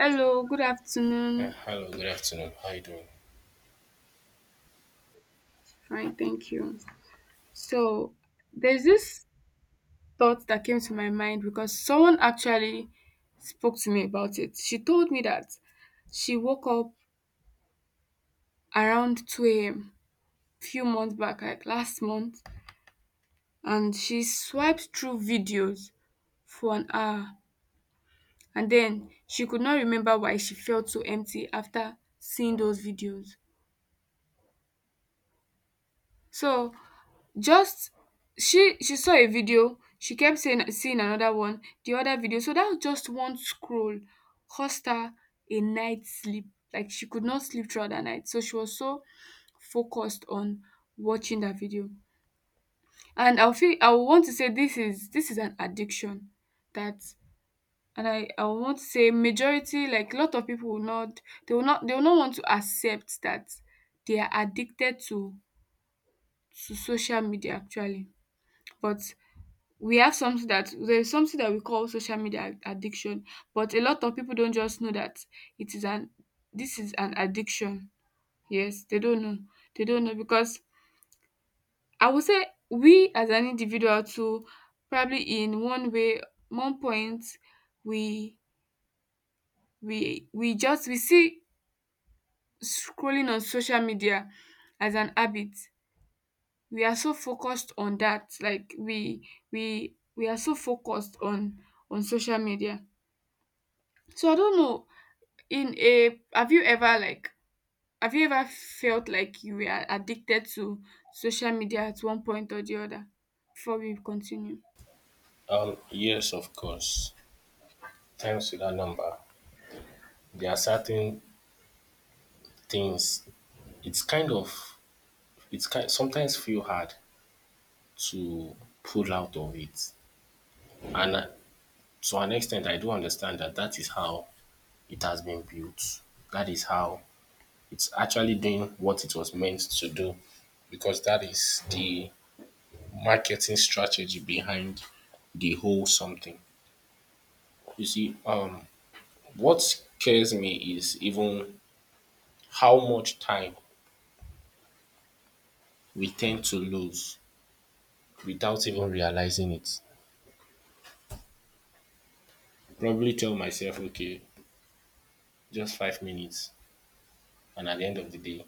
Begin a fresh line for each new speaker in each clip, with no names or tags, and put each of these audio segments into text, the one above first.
Hello, good
Yeah,
afternoon.
hello, good afternoon. How you doing?
Fine, thank you. So, there's this thought that came to my mind because someone actually spoke to me about it. She told me that she woke up around 2 a.m. few months back, like last month, and she swiped through videos for an hour. And then she could not remember why she felt so empty after seeing those videos. So, Just she saw a video, she kept saying seeing another one, the other video. So that just one scroll cost her a night's sleep. Like she could not sleep throughout the night. So she was so focused on watching that video. And I would want to say this is an addiction that, and I would want to say majority, like a lot of people will not, they will not want to accept that they are addicted to social media actually. But we have something that there's something that we call social media addiction, but a lot of people don't just know that, it is an this is an addiction. Yes, they don't know. They don't know because I would say we, as an individual too, probably in one point, we we just we see scrolling on social media as an habit. We are so focused on that, like we are so focused on social media. So I don't know, in a have you ever felt like you were addicted to social media at one point or the other before we continue?
Yes, of course. Times with that number. There are certain things. It's kind of. It's kind. Sometimes feel hard to pull out of it, and to an extent, I do understand that that is how it has been built. That is how it's actually doing what it was meant to do, because that is the marketing strategy behind the whole something. You see, what scares me is even how much time we tend to lose without even realizing it. Probably tell myself, okay, just 5 minutes. And at the end of the day,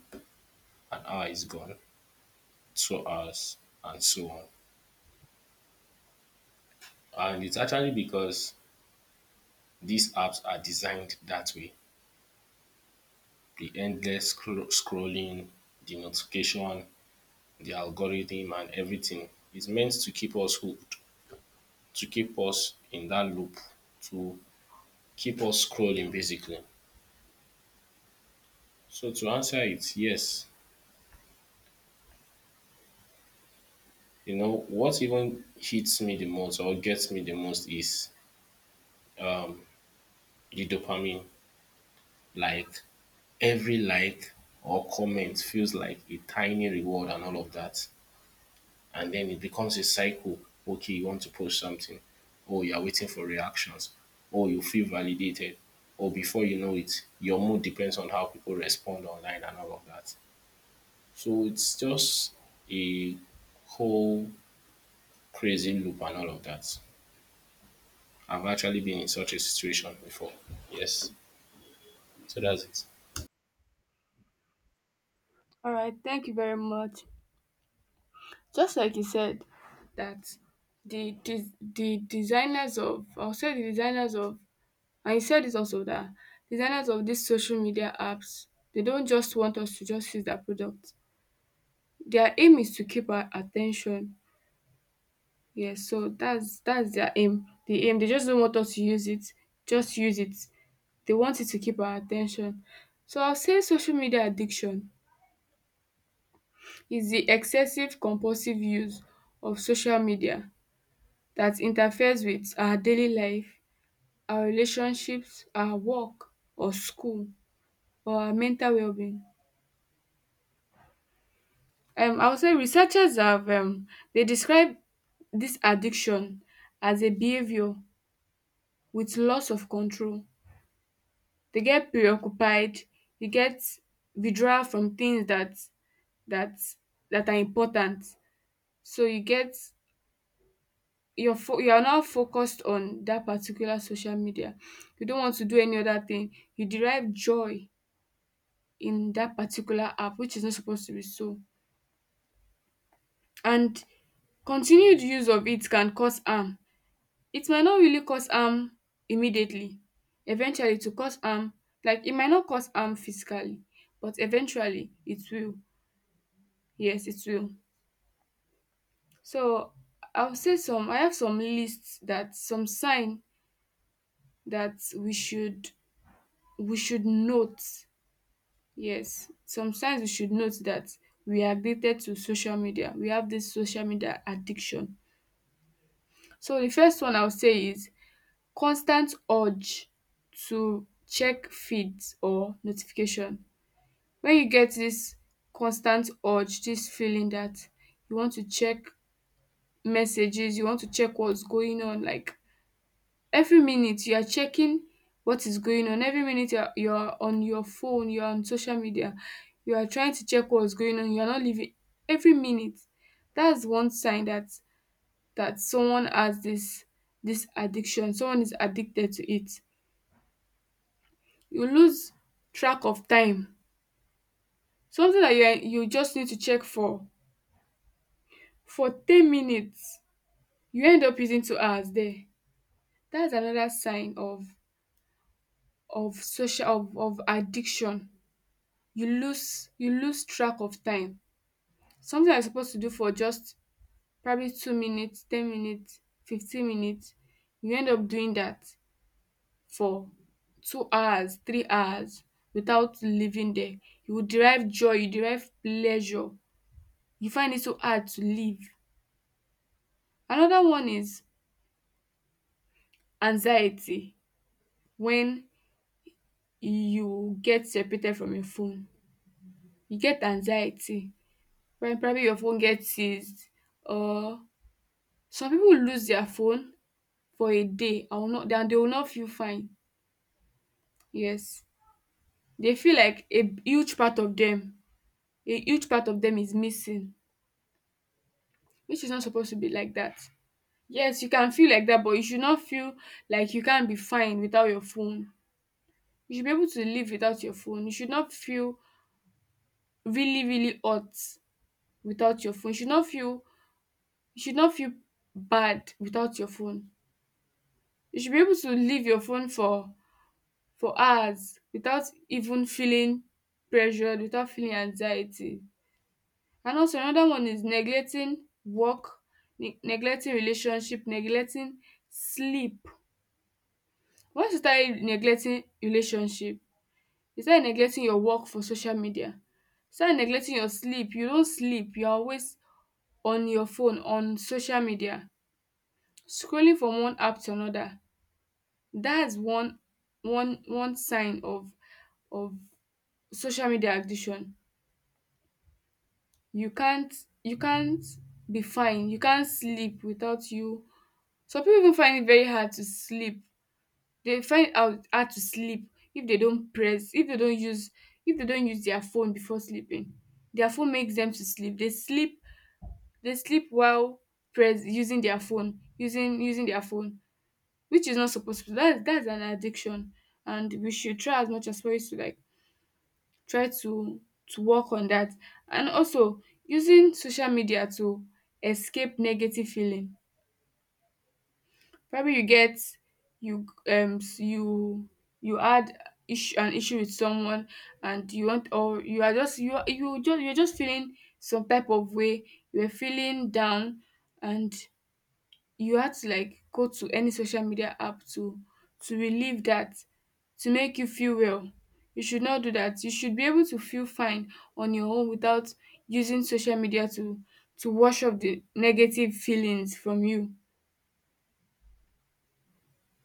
an hour is gone, 2 hours, and so on. And it's actually because these apps are designed that way, the endless scrolling, the notification, the algorithm, and everything is meant to keep us hooked, to keep us in that loop, to keep us scrolling basically. So, to answer it, yes. You know, what even hits me the most or gets me the most is um, the dopamine. Like every like or comment feels like a tiny reward and all of that. And then it becomes a cycle. Okay, you want to post something. Oh, you are waiting for reactions. Oh, you feel validated. Or before you know it, your mood depends on how people respond online and all of that. So it's just a whole crazy loop and all of that. I've actually been in such a situation before. Yes. So that's it.
All right, thank you very much. Just like you said that the designers of, and you said this also, that designers of these social media apps, they don't just want us to just use their product. Their aim is to keep our attention. Yes, so that's their aim. The aim, they just don't want us to use it. Just use it. They want it to keep our attention. So I'll say social media addiction is the excessive compulsive use of social media that interferes with our daily life, our relationships, our work or school, or our mental well-being. I would say researchers have they describe this addiction as a behavior with loss of control. They get preoccupied, they get withdrawal from things that that are important. So you are now focused on that particular social media. You don't want to do any other thing. You derive joy in that particular app, which is not supposed to be so. And continued use of it can cause harm. It might not really cause harm immediately. Eventually, to cause harm, like it might not cause harm physically, but eventually it will. Yes, it will. So I have some lists that some sign that we should note. Yes, some signs we should note that we are addicted to social media. We have this social media addiction. So the first one I'll say is constant urge to check feeds or notification. When you get this constant urge, this feeling that you want to check messages, you want to check what's going on, like every minute you are checking what is going on, every minute you're on your phone, you're on social media, you are trying to check what's going on, you're not living every minute. That's one sign that, someone has this addiction, someone is addicted to it. You lose track of time. Something that you just need to check for 10 minutes, you end up using 2 hours there. That's another sign of social of addiction. You lose track of time. Something you're supposed to do for just probably 2 minutes, 10 minutes, 15 minutes, you end up doing that for 2 hours, 3 hours without living there. You will derive joy, you derive pleasure, you find it so hard to live. Another one is anxiety. When you get separated from your phone, you get anxiety. When probably your phone gets seized, or some people lose their phone for a day, I will not and they will not feel fine. Yes, they feel like huge part of them, is missing, which is not supposed to be like that. Yes, you can feel like that, but you should not feel like you can't be fine without your phone. You should be able to live without your phone. You should not feel really, really hot without your phone. You should not feel, you should not feel bad without your phone. You should be able to leave your phone for hours without even feeling pressured, without feeling anxiety. And also, another one is neglecting work, neglecting relationship, neglecting sleep. Once you start neglecting relationship, you start neglecting your work for social media, start neglecting your sleep. You don't sleep, you're always on your phone, on social media, scrolling from one app to another. That's one sign of of social media addiction. you can't you can't be fine, you can't sleep without you. Some people even find it very hard to sleep. They find out hard to sleep, if they don't press if they don't use their phone before sleeping. Their phone makes them to sleep. They sleep while press using their phone, using their phone, which is not supposed to. That's an addiction, and we should try as much as possible to, like, try to work on that. And also using social media to escape negative feeling. Probably you get, you um s- you you had issue an issue with someone, and you want or you are just you are, you just you're just feeling some type of way. You're feeling down, and you had to, like, go to any social media app to relieve that, to make you feel well. You should not do that. You should be able to feel fine on your own without using social media to wash off the negative feelings from you.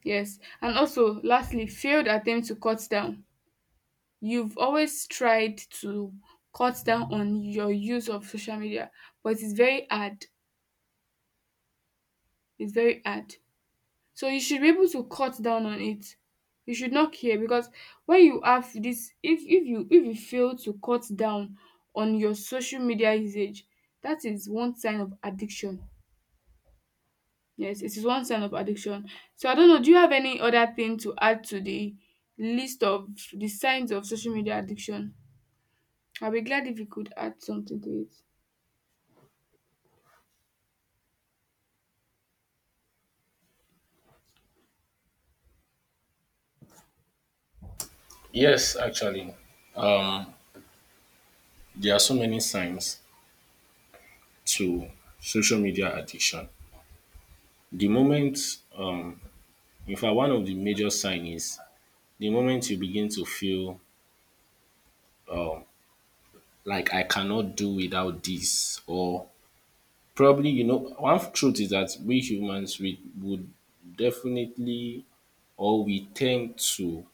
Yes, and also, lastly, failed attempt to cut down. You've always tried to cut down on your use of social media, but it's very hard, it's very hard. So you should be able to cut down on it. You should not care because when you have this, if you fail to cut down on your social media usage, that is one sign of addiction. Yes, it is one sign of addiction. So I don't know, do you have any other thing to add to the list of the signs of social media addiction? I'll be glad if you could add something to it.
Yes, actually. Um, there are so many signs to social media addiction. The moment, um, in fact, one of the major signs is the moment you begin to feel um, like I cannot do without this, or probably, you know, one truth is that we humans, we would definitely or we tend to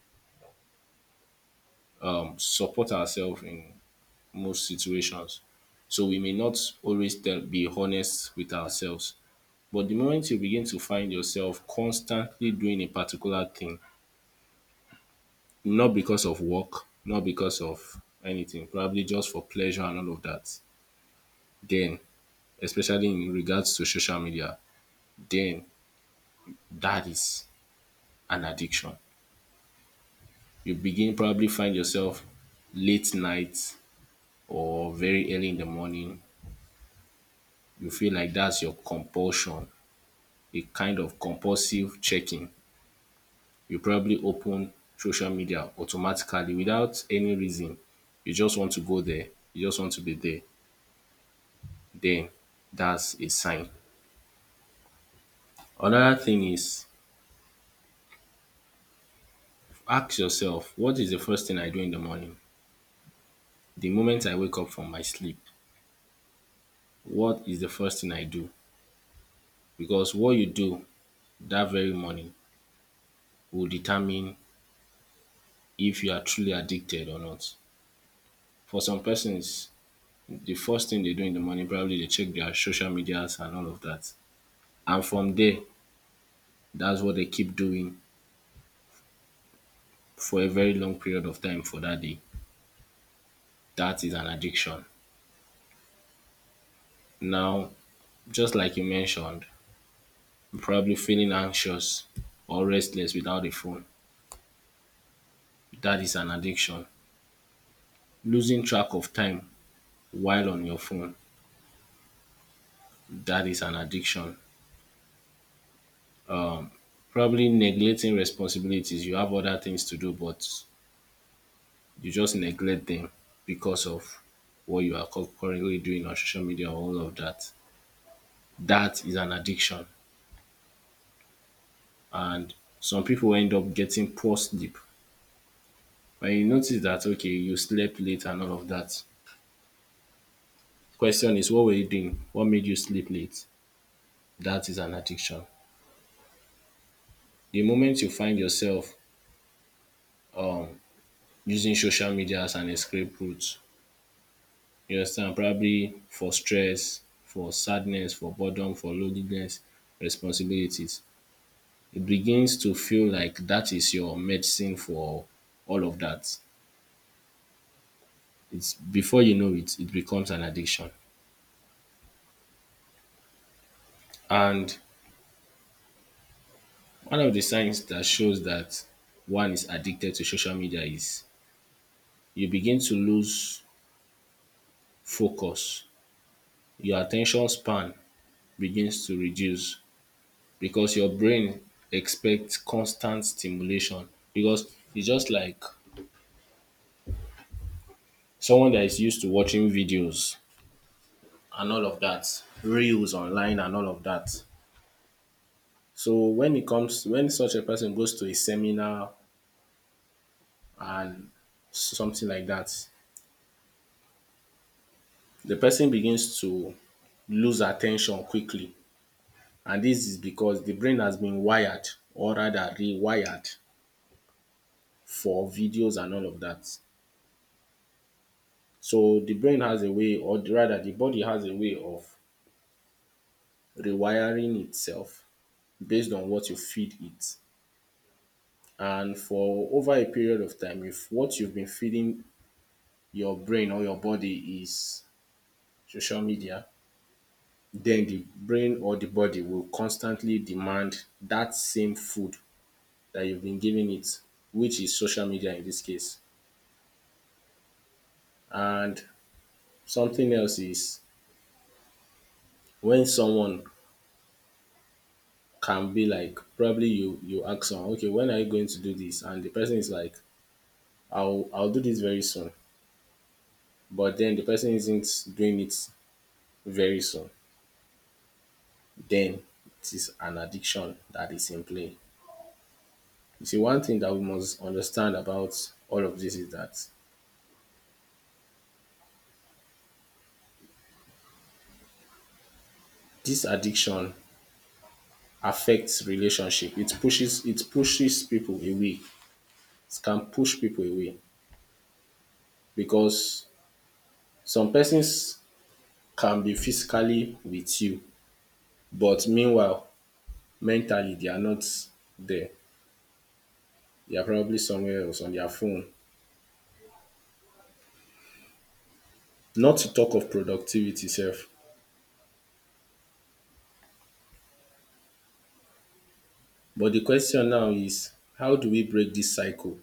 support ourselves in most situations. So we may not always tell, be honest with ourselves. But the moment you begin to find yourself constantly doing a particular thing, not because of work, not because of anything, probably just for pleasure and all of that, then, especially in regards to social media, then that is an addiction. You begin probably find yourself late night or very early in the morning. You feel like that's your compulsion, a kind of compulsive checking. You probably open social media automatically without any reason. You just want to go there, you just want to be there, then that's a sign. Another thing is, ask yourself, what is the first thing I do in the morning? The moment I wake up from my sleep, what is the first thing I do? Because what you do that very morning will determine if you are truly addicted or not. For some persons, the first thing they do in the morning, probably they check their social medias and all of that. And from there, that's what they keep doing for a very long period of time for that day. That is an addiction. Now, just like you mentioned, probably feeling anxious or restless without a phone, that is an addiction. Losing track of time while on your phone, that is an addiction. Probably neglecting responsibilities, you have other things to do, but you just neglect them because of what you are currently doing on social media or all of that. That is an addiction. And some people end up getting poor sleep. When you notice that, okay, you slept late and all of that. Question is, what were you doing? What made you sleep late? That is an addiction. The moment you find yourself um, using social media as an escape route, you understand, probably for stress, for sadness, for boredom, for loneliness, responsibilities. It begins to feel like that is your medicine for all of that. It's before you know it, it becomes an addiction. And one of the signs that shows that one is addicted to social media is you begin to lose focus. Your attention span begins to reduce because your brain expects constant stimulation. Because it's just like someone that is used to watching videos and all of that, reels online and all of that. So when it comes, when such a person goes to a seminar and something like that, the person begins to lose attention quickly, and this is because the brain has been wired, or rather rewired, for videos and all of that. So the brain has a way, or rather the body has a way, of rewiring itself based on what you feed it. And for over a period of time, if what you've been feeding your brain or your body is social media, then the brain or the body will constantly demand that same food that you've been giving it, which is social media in this case. And something else is, when someone can be like, probably you ask someone, okay, when are you going to do this? And the person is like, I'll do this very soon. But then the person isn't doing it very soon. Then it is an addiction that is in play. You see, one thing that we must understand about all of this is that this addiction affects relationship. It pushes people away. It can push people away because some persons can be physically with you, but meanwhile, mentally they are not there. They are probably somewhere else on their phone. Not to talk of productivity self. But the question now is, how do we break this cycle?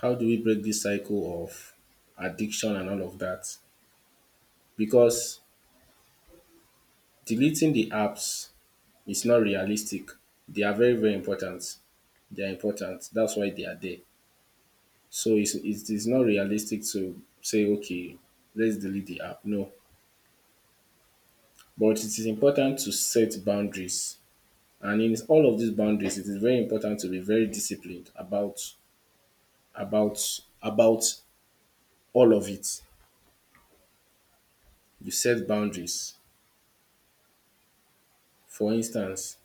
How do we break this cycle of addiction and all of that? Because deleting the apps, it's not realistic. They are very, very important. They are important. That's why they are there. It is not realistic to say, okay, let's delete the app. No. But it is important to set boundaries. And in all of these boundaries, it is very important to be very disciplined about about all of it. You set boundaries. For instance,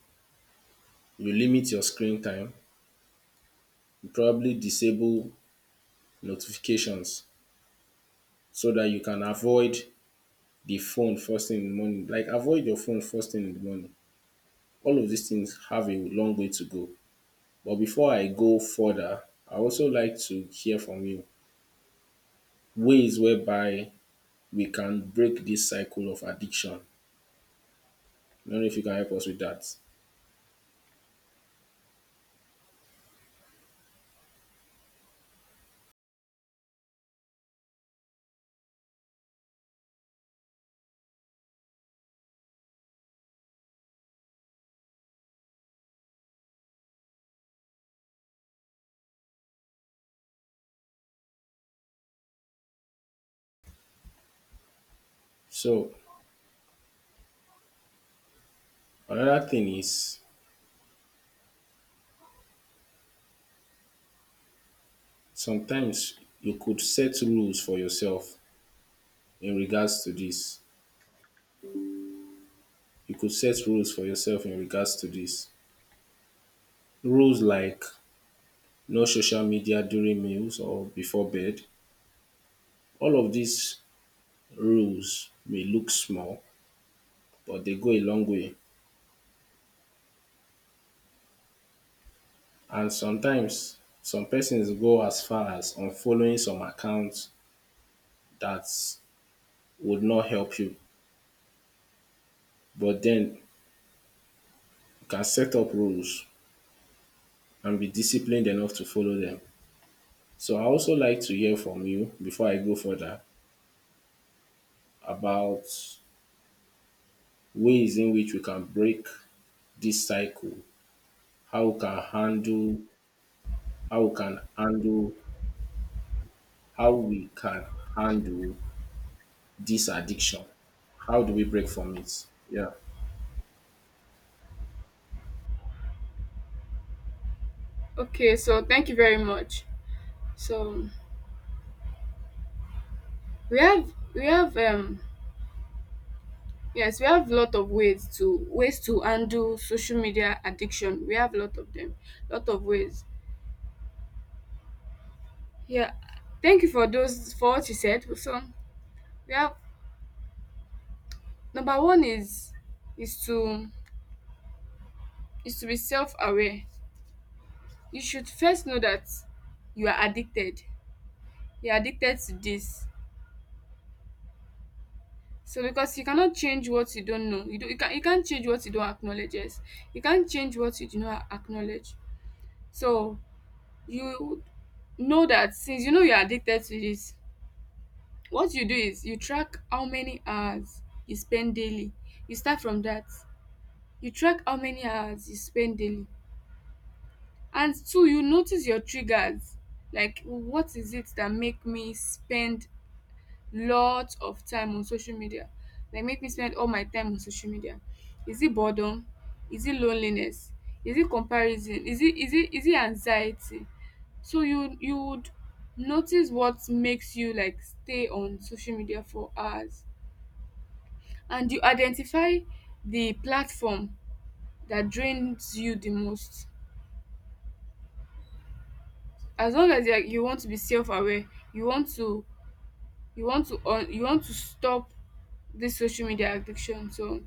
you limit your screen time, you probably disable notifications so that you can avoid the phone first thing in the morning. Like avoid your phone first thing in the morning. All of these things have a long way to go. But before I go further, I also like to hear from you ways whereby we can break this cycle of addiction. I don't know if you can help us with that. So another thing is, sometimes you could set rules for yourself in regards to this. You could set rules for yourself in regards to this. Rules like no social media during meals or before bed. All of these rules may look small, but they go a long way, and sometimes some persons go as far as unfollowing some accounts that would not help you. But then you can set up rules and be disciplined enough to follow them. So I also like to hear from you before I go further about ways in which we can break this cycle, how we can handle, how we can handle, how we can handle this addiction. How do we break from it? Yeah.
Okay, so thank you very much. So we have yes, we have a lot of ways to handle social media addiction. We have a lot of them, lot of ways. Yeah, thank you for what you said. So we have, number one is is to to be self aware. You should first know that you are addicted. You are addicted to this. So because you cannot change what you don't know. You can't change what you don't acknowledge. Yes, you can't change what you do not acknowledge. So you know that since you know you're addicted to this, what you do is, you track how many hours you spend daily. You start from that. You track how many hours you spend daily. And two, you notice your triggers. Like, what is it that make me spend lot of time on social media? Like, make me spend all my time on social media. Is it boredom? Is it loneliness? Is it comparison? Is it anxiety? So you would notice what makes you like stay on social media for hours, and you identify the platform that drains you the most. As long as you want to be self aware, you want to you want to stop this social media addiction. So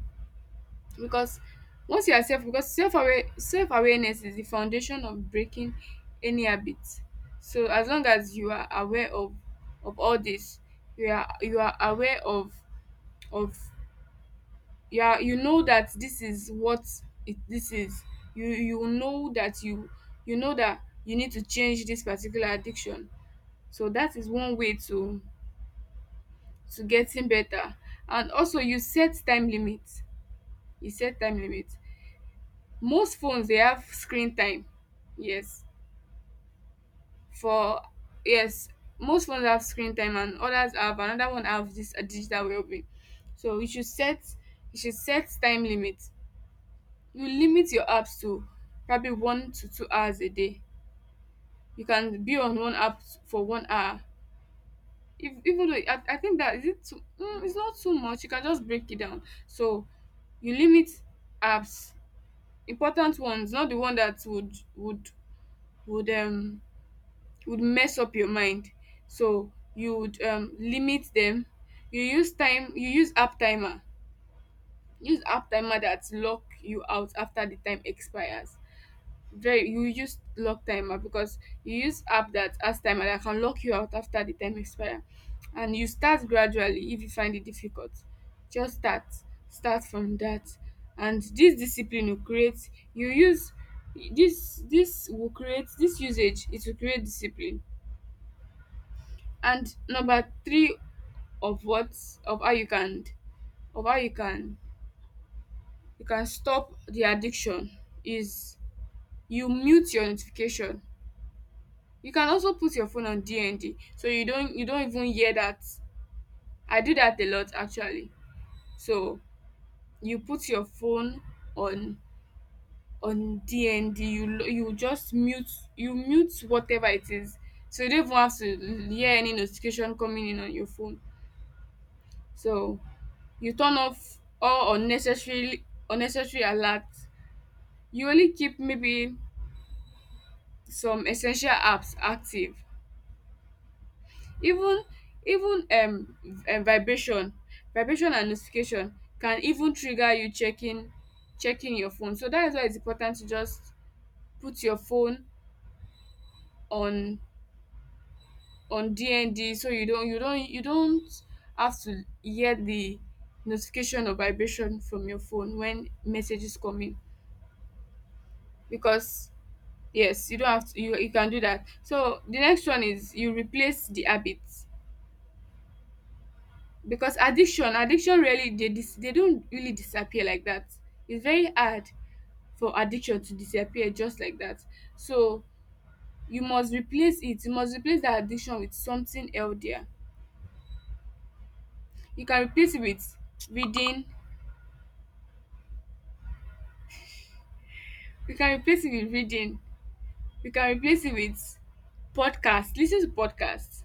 because once you are self because self aware — self awareness is the foundation of breaking any habit. So as long as you are aware of all this, you are aware of you know that this is it this is you you know that you you know that you need to change this particular addiction. So that is one way to getting better. And also you set time limit. you set time limit Most phones, they have screen time. Yes. For, yes, most phones have screen time, and others have another one have this digital wellbeing. So you should set time limit. You limit your apps to probably 1 to 2 hours a day. You can be on one app for 1 hour. If, even though I think that is it too — it's not too much, you can just break it down. So you limit apps, important ones, not the one that would um would mess up your mind. So you would limit them. You use app timer. That lock you out after the time expires. Very, you use lock timer, because you use app that has timer that can lock you out after the time expire. And you start gradually. If you find it difficult, just start from that. And this discipline will create, you use This will create this usage. It will create discipline. And number three, of what of how you can — of how you can you can stop the addiction is you mute your notification. You can also put your phone on DND, so you don't even hear that. I do that a lot actually. So you put your phone on on DND. You just mute whatever it is. So you don't even have to hear any notification coming in on your phone. So you turn off all unnecessary alerts. You only keep maybe some essential apps active. Even, even um um vibration vibration and notification can even trigger you checking your phone. So that is why it's important to just put your phone on on DND, so you don't have to hear the notification or vibration from your phone when messages come in. Because, yes, you don't have to. You can do that. So the next one is you replace the habit. Because addiction really, they dis they don't really disappear like that. It's very hard for addiction to disappear just like that. So you must replace that addiction with something healthier. You can replace it with reading. you can replace it with reading you can replace it with podcast. Listen to podcasts.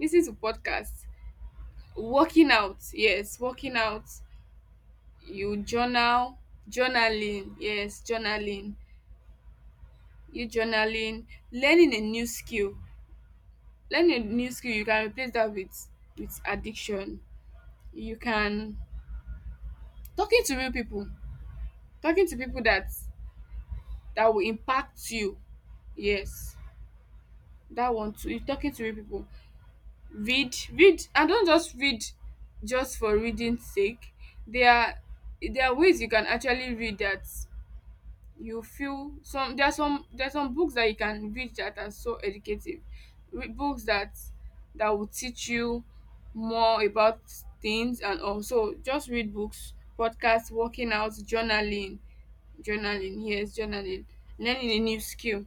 Listen to podcasts. Working out. Yes, working out. You journal journaling. Yes, journaling. You journaling. Learning a new skill. Learning a new skill, you can replace that with addiction. You can — talking to real people, talking to people that will impact you. Yes, that one too. You talking to real people. Read, read, and don't just read just for reading's sake. There are there are ways you can actually read that you feel some — there are some books that you can read that are so educative. Books that will teach you more about things. And also just read books, podcasts, working out, journaling. Journaling, yes, journaling. Learning a new skill.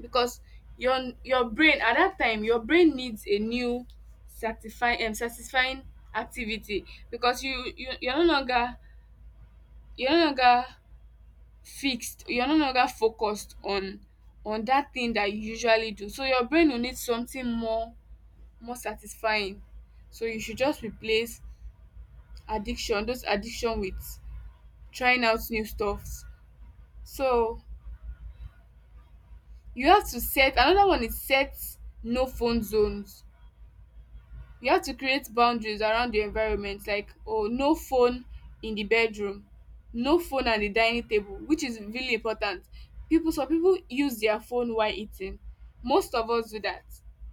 Because your brain, at that time, your brain needs a new satisfying satisfying activity. Because you're no longer — you're no longer you're no longer focused on that thing that you usually do. So your brain will need something more satisfying. So you should just replace those addiction with trying out new stuff. So you have to set another one is, set no phone zones. We have to create boundaries around the environment, like, oh, no phone in the bedroom, no phone at the dining table, which is really important. People some people use their phone while eating. Most of us do that.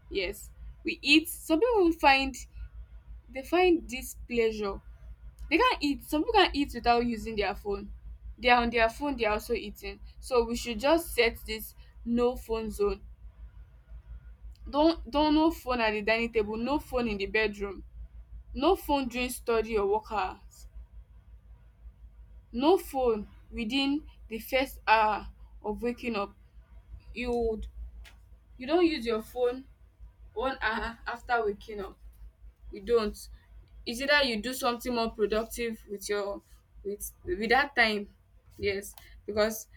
Yes. we eat some people find — they find this pleasure they can't eat, some people can't eat without using their phone. They are on their phone, they are also eating. So we should just set this no phone zone. Don't no phone at the dining table, no phone in the bedroom, no phone during study or work hours. No phone within the first hour of waking up. You would you don't use your phone 1 hour after waking up. You don't. It's either you do something more productive with your with that time. Yes. Because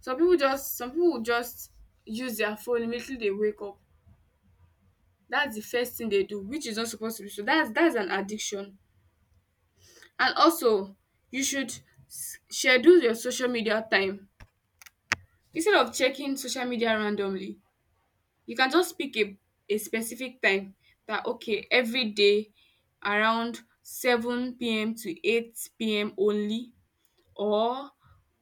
some people will just use their phone immediately they wake up. That's the first thing they do, which is not supposed to be so. That's an addiction. And also you should schedule your social media time. Instead of checking social media randomly, you can just pick a specific time — that, okay, every day around 7 p.m. to 8 p.m. only, or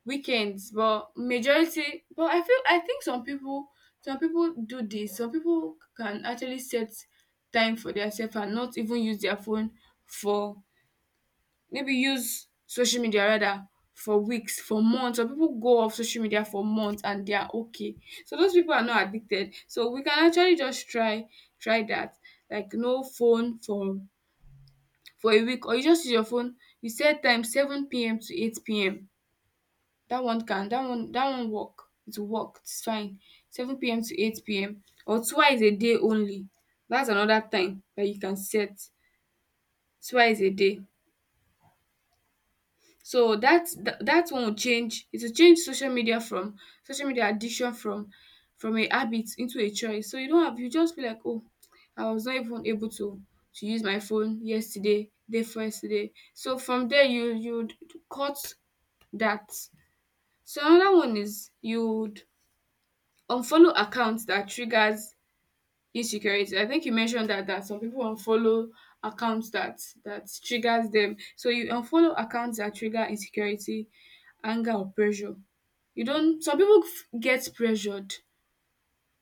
weekends. But majority, but I feel, I think some people, do this. Some people can actually set time for themselves and not even use their phone for — maybe use social media, rather, for weeks, for months. Some people go off social media for months and they are okay. So those people are not addicted. So we can actually just try that. Like no phone for a week, or you just use your phone. You set time seven p.m. to eight PM. That one work. It will work. It's fine. Seven p.m. to eight p.m., or twice a day only. That's another time that you can set, twice a day. So that that one will change. It will change social media from — social media addiction from a habit into a choice. So you don't have you just feel like, oh, I was not even able to use my phone yesterday, day for yesterday. So from there you'd cut that. So another one is, you'd unfollow accounts that triggers insecurity. I think you mentioned that some people unfollow accounts that triggers them. So you unfollow accounts that trigger insecurity, anger or pressure. You don't. Some people get pressured.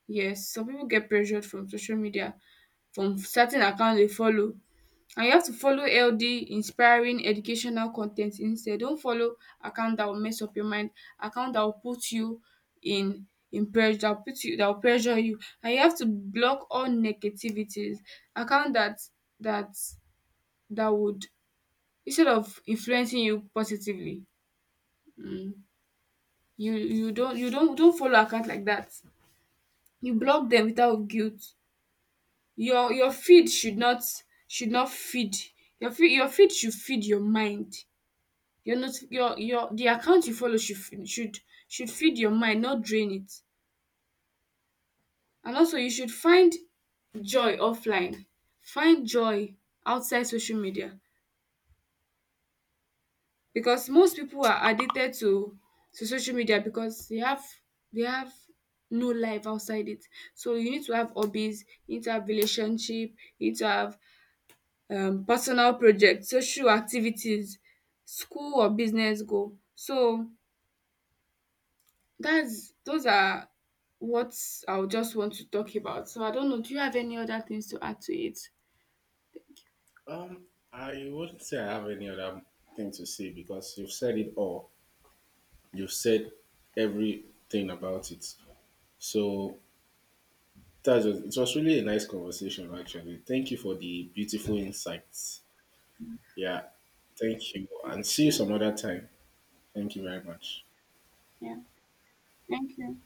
Yes, some people get pressured from social media, from certain account they follow, and you have to follow healthy, inspiring, educational content instead. Don't follow account that will mess up your mind, account that will put you in in pressure, that will pressure you. And you have to block all negativities — account that that would, instead of influencing you positively, um you don't follow account like that. You block them without guilt. Your feed should not — should not feed your feed should feed your mind. Your not your your the account you follow should f should feed your mind, not drain it. And also you should find joy offline. Find joy outside social media, because most people are addicted to social media because they have no life outside it. So you need to have hobbies, you need to have relationship, you need to have personal projects, social activities, school or business goal. So, that's — those are what I would just want to talk about. So, I don't know. Do you have any other things to add to it?
Um, I wouldn't say I have any other thing to say, because you've said it all. You've said everything about it. So that was, it was really a nice conversation, actually. Thank you for the beautiful insights. Yeah, thank you, and see you
Yeah.
some other time. Thank you very much.
Yeah. Thank you.